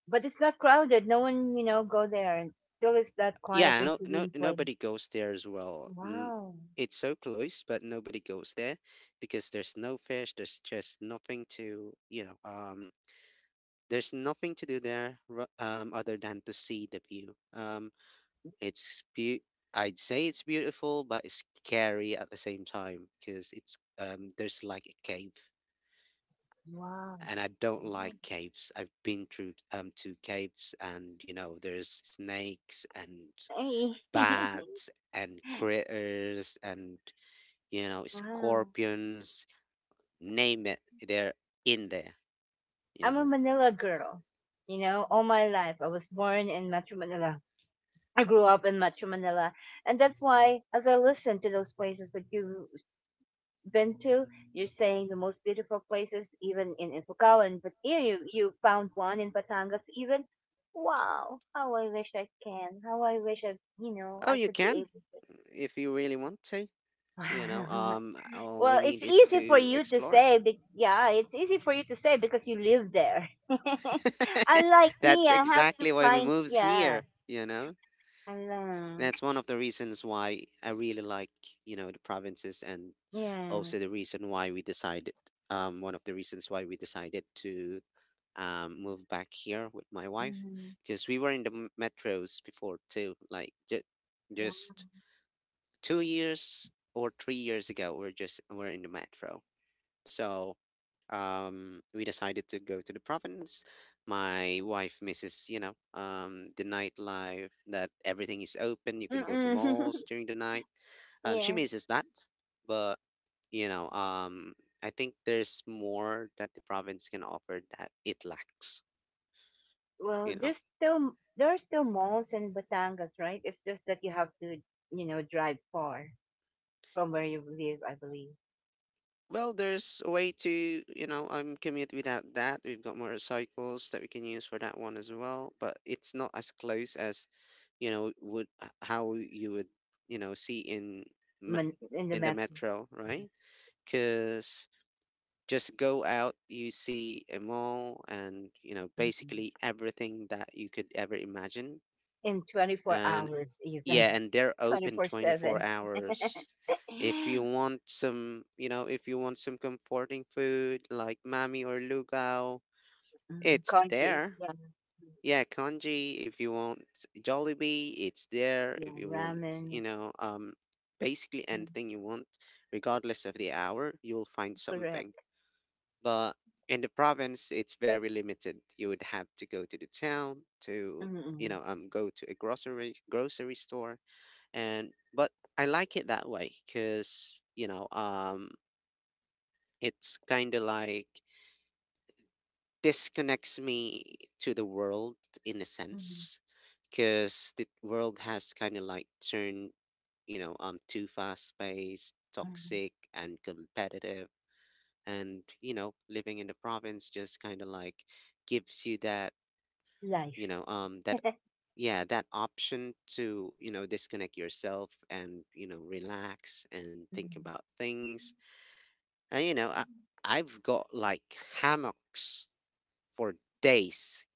but it's not crowded. No one, you know, go there. And still, it's that quiet yeah, and no no serene nobody place. goes there as well. N- Wow. It's so close, but nobody goes there because there's no fish, there's just nothing to, you know um there's nothing to do there ru- um other than to see the view. um it's be- I'd say it's beautiful, but it's scary at the same time because it's um there's like a cave, Wow. and I don't Wow. like caves. I've been through um two caves, and you know, there's snakes and Hey. bats and critters and, you know, Wow. scorpions. Name it, they're in there, you I'm a know. Manila girl. You know, all my life I was born in Metro Manila. I grew up in Metro Manila, and that's why, as I listen to those places that you been to. You're saying the most beautiful places, even in in Pucallpa, and but yeah, you you found one in Batangas. Even wow, how I wish I can. How I wish I you know Oh, I you could be can, able to. if you really want to, you know um all we Well, need it's is easy for to you to explore. say. Be- yeah, it's easy for you to say because you live there. Unlike me, That's I have to exactly why we find. moved Yeah, here, you know. I love. That's one of the reasons why I really like, you know the provinces, and Yeah. also the reason why we decided um one of the reasons why we decided to, um move back here with my wife, Mm-hmm. because we were in the m- metros before too, like ju- Wow. just two years or three years ago, we're just we're in the metro. So, um we decided to go to the province. My wife misses, you know um the nightlife, that everything is open, you can go to Mm-mm. malls during the night. Um she misses that. But, you know, um, I think there's more that the province can offer that it lacks, you Well, know. there's still there are still malls in Batangas, right? It's just that you have to, you know, drive far from where you live, I believe, Well, there's a way to, you know, um, commute without that. We've got motorcycles that we can use for that one as well, but it's not as close as, you know, would h- how you would, you know, see in me- Man- in the in the metro. metro, Yes. right? Because just go out, you see a mall and, you know, Mhm. basically everything that you could ever imagine. In twenty-four And hours, yeah, even and they're open twenty-four twenty-four seven. hours. If Mm, you want some, you know, if you want some comforting food like Mami or Lugao, it's congee, there. yeah, Yeah, congee. If you want Jollibee, it's there. If yeah, you want, you ramen, know, um, basically mm, anything you want, regardless of the hour, you'll find something. correct. But in the province, it's very limited. You would have to go to the town to, you Mm-mm. know, um, go to a grocery grocery store, and but I like it that way because, you know um it's kind of like disconnects me to the world, in a Hmm. sense, because the world has kind of like turned, you know um too fast paced, Hmm. toxic and competitive. And you know, living in the province just kind of like gives you that, you Life. know um that yeah, that option to, you know, disconnect yourself and, you know, relax and think about things. And you know I, Mm-hmm. I've got like hammocks for days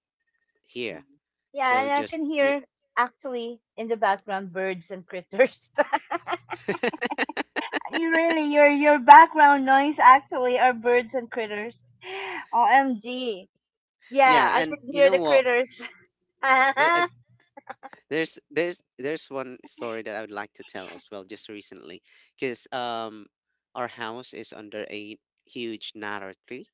here, Mm-hmm. Yeah, so and I just can yeah. hear actually in the background birds and critters. You really, your your background noise actually are birds and critters. O M G. Yeah, Yeah, I and can you hear know the what, critters. The- uh, Yeah, There's there's there's one story that I would like to tell as well, just recently, because um our house is under a huge gnarly tree.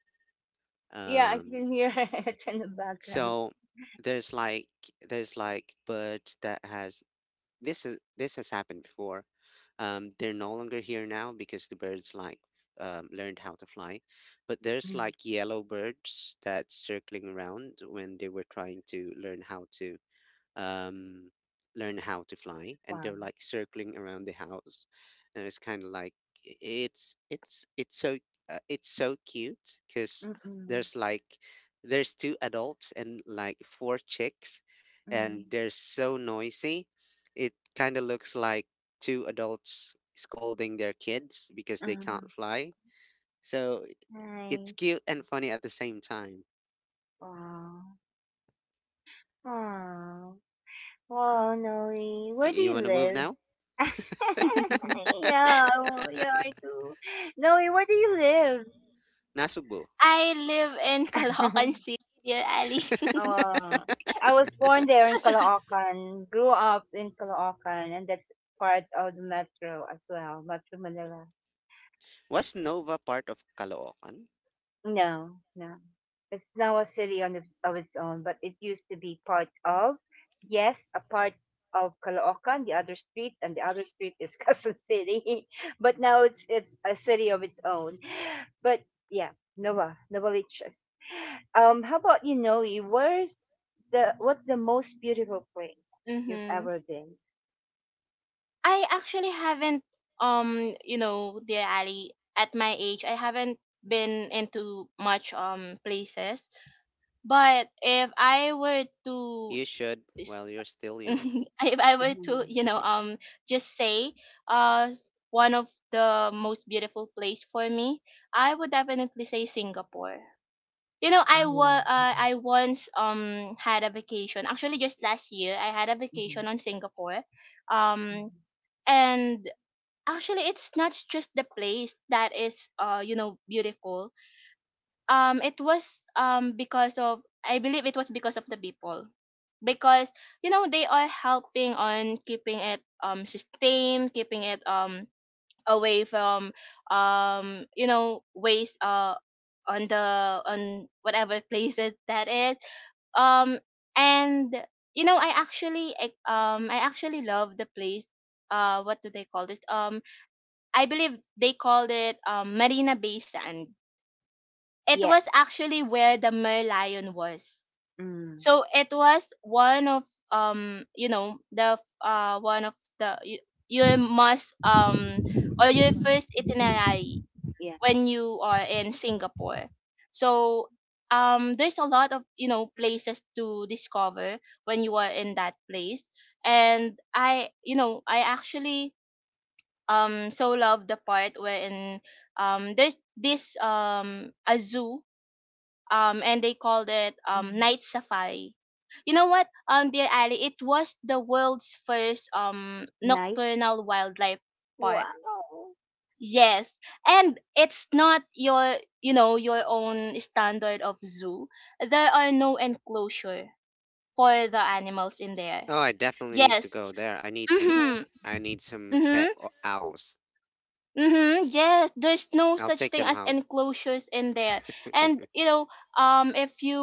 I Um can hear it in the background. so there's like there's like birds that has, this is this has happened before. Um, they're no longer here now because the birds like, um, learned how to fly. But there's Mm, like yellow birds that circling around when they were trying to learn how to, um, learn how to fly, and they're fine. like circling around the house, and it's kind of like i- it's it's it's so uh, it's so cute because Mm-mm. there's like, there's two adults and like four chicks, and Mm-mm. they're so noisy. It kind of looks like two adults scolding their kids because Uh, they can't fly. So it's nice. cute and funny at the same time. Wow. Wow. Wow, Noe. Where do You you want to move live? now? this. Yeah, yeah, I do. Noe, where do you Nasugbo. I live in live? Caloocan City, dear Ali. Uh, I was born there in Caloocan, grew up in Caloocan, and that's part of the metro as well, Metro Manila. Was Nova part of Caloocan? No, no. It's now a city on its, of its own, but it used to be part of, yes, a part of Caloocan, the other street, and the other street is Quezon City. But now it's it's a city of its own. But yeah, Nova, Novaliches. Um, how about you, Noe? Where's the what's the most beautiful place you've Mm-hmm. ever been? I actually haven't, um, you know, dear Ali, at my age, I haven't been into much um places. But if I were to, You should s- while you're still young. if I were Mm-hmm. to, you know, um, just say, uh, s- one of the most beautiful place for me, I would definitely say Singapore. You know, I Ah, yeah. wa- uh, I once um had a vacation. Actually, just last year, I had a Mm-hmm. vacation on Singapore. Um, Mm-hmm. and actually, it's not just the place that is uh you know beautiful. Um, it was um because of, I believe it was because of, the people, because you know they are helping on keeping it um sustained, keeping it um away from um you know waste uh on the on whatever places that is. Um and you know i actually I, um i actually love the place. Uh what do they call this? Um i believe they called it um Marina Bay Sand. It was Yes. actually where the Merlion was, Mm. so it was one of um you know the f- uh one of the, you, you must, um or your first It itinerary yeah. when you are in Singapore. So, um, there's a lot of, you know places to discover when you are in that place. And I you know I actually um so love the part wherein um there's this, um a zoo, um and they called it um Mhm. night safari. You know what, um, dear Ali, it was the world's first um Nice. nocturnal wildlife park. Wow. Yes, and it's not your, you know, your own standard of zoo. There are no enclosure for the animals in there. Oh, I definitely need to Yes. go there. I need some, Mhm. I need some pet Mhm. o- owls. Mhm. Yes, there's no I'll such take thing them as home. enclosures in there. And you know, um if you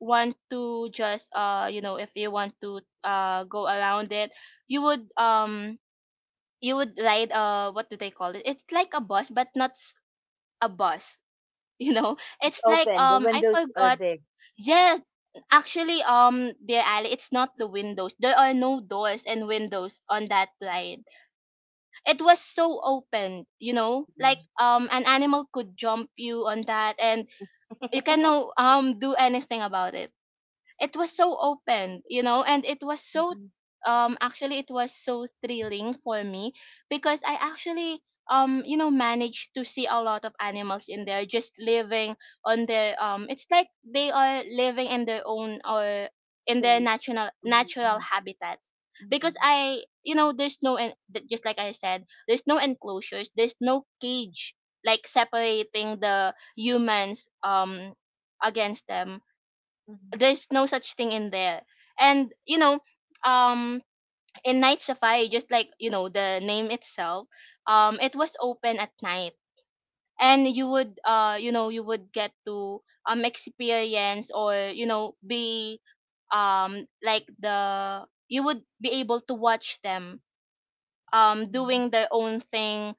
want to just, uh, you know, if you want to uh go around it, you would um you would ride, uh what do they call it? It's like a bus, but not, s- a bus. You know it's like, Open. The um I windows are forgot. big. Yes, actually, um dear Ali, it's not the windows. There are no doors and windows on that ride. It was so open, you know, like Mm-mm. um an animal could jump you on that, and you cannot um do anything about it. It was so open, you know, and it was so, Mm-mm. um actually, it was so thrilling for me, because I actually um you know managed to see a lot of animals in there, just living on their, um it's like they are living in their own, or in their Space. natural natural Mm-mm. habitat. Because Mm-mm. I you know there's no, en- th- just like I said, there's no enclosures, there's no cage, like separating the humans um against them. There's no such thing in there. And you know um in night safari, just like, you know the name itself, um it was open at night, and you would uh you know you would get to um experience, or you know be, um like the you would be able to watch them um Mm-mm. doing their own thing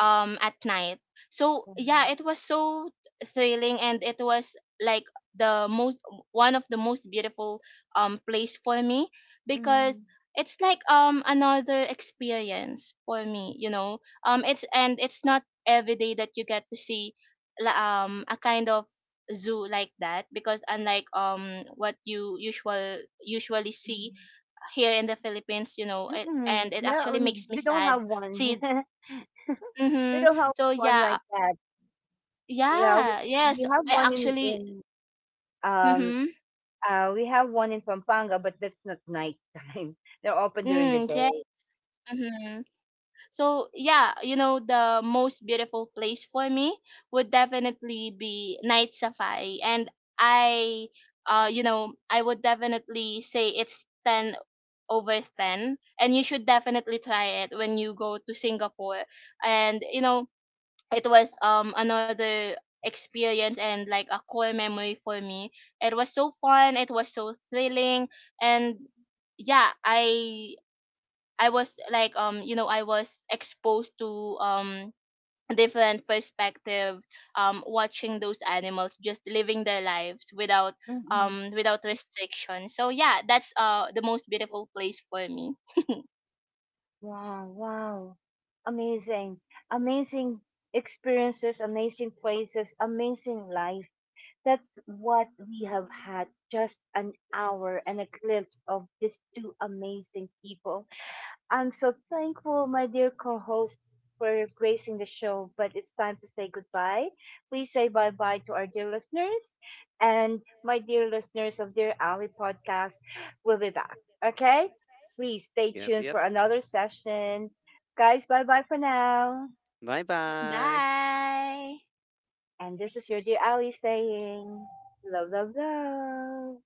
um at night. So yeah, it was so thrilling, and it was like the most one of the most beautiful um place for me. Because Mm-mm. it's like, um another experience for me. You know um it's and it's not every day that you get to see la- um a kind of zoo like that, because unlike um what you usual usually see here in the Philippines, you know, it, Mm-mm. and it No, actually n- makes me we don't sad. have one. See. We Mm-hmm. don't have So one yeah. like that. Yeah, we, Yeah, yes, we have I one in actually, in um mm-hmm, uh we have one in Pampanga, but that's not nighttime. They're open during the mm, yeah, day. mm-hmm. So yeah, you know, the most beautiful place for me would definitely be night safari, and I, uh, you know, I would definitely say it's ten over ten, and you should definitely try it when you go to Singapore. And you know it was um another experience and like a core memory for me. It was so fun, it was so thrilling. And yeah, i i was like, um you know I was exposed to um different perspective, um watching those animals just living their lives without Mm-mm. um without restriction. So yeah, that's uh the most beautiful place for me. Wow! Wow! Amazing, amazing experiences, amazing places, amazing life. That's what we have had just an hour and a glimpse of these two amazing people. I'm so thankful, my dear co hosts for gracing the show, but it's time to say goodbye. Please say bye bye to our dear listeners. And my dear listeners of Dear Ali podcast, we'll be back. Okay? Please stay Yep, tuned yep. for another session. Guys, bye bye for now. Bye bye. Bye. And this is your dear Ali saying, love, love, love.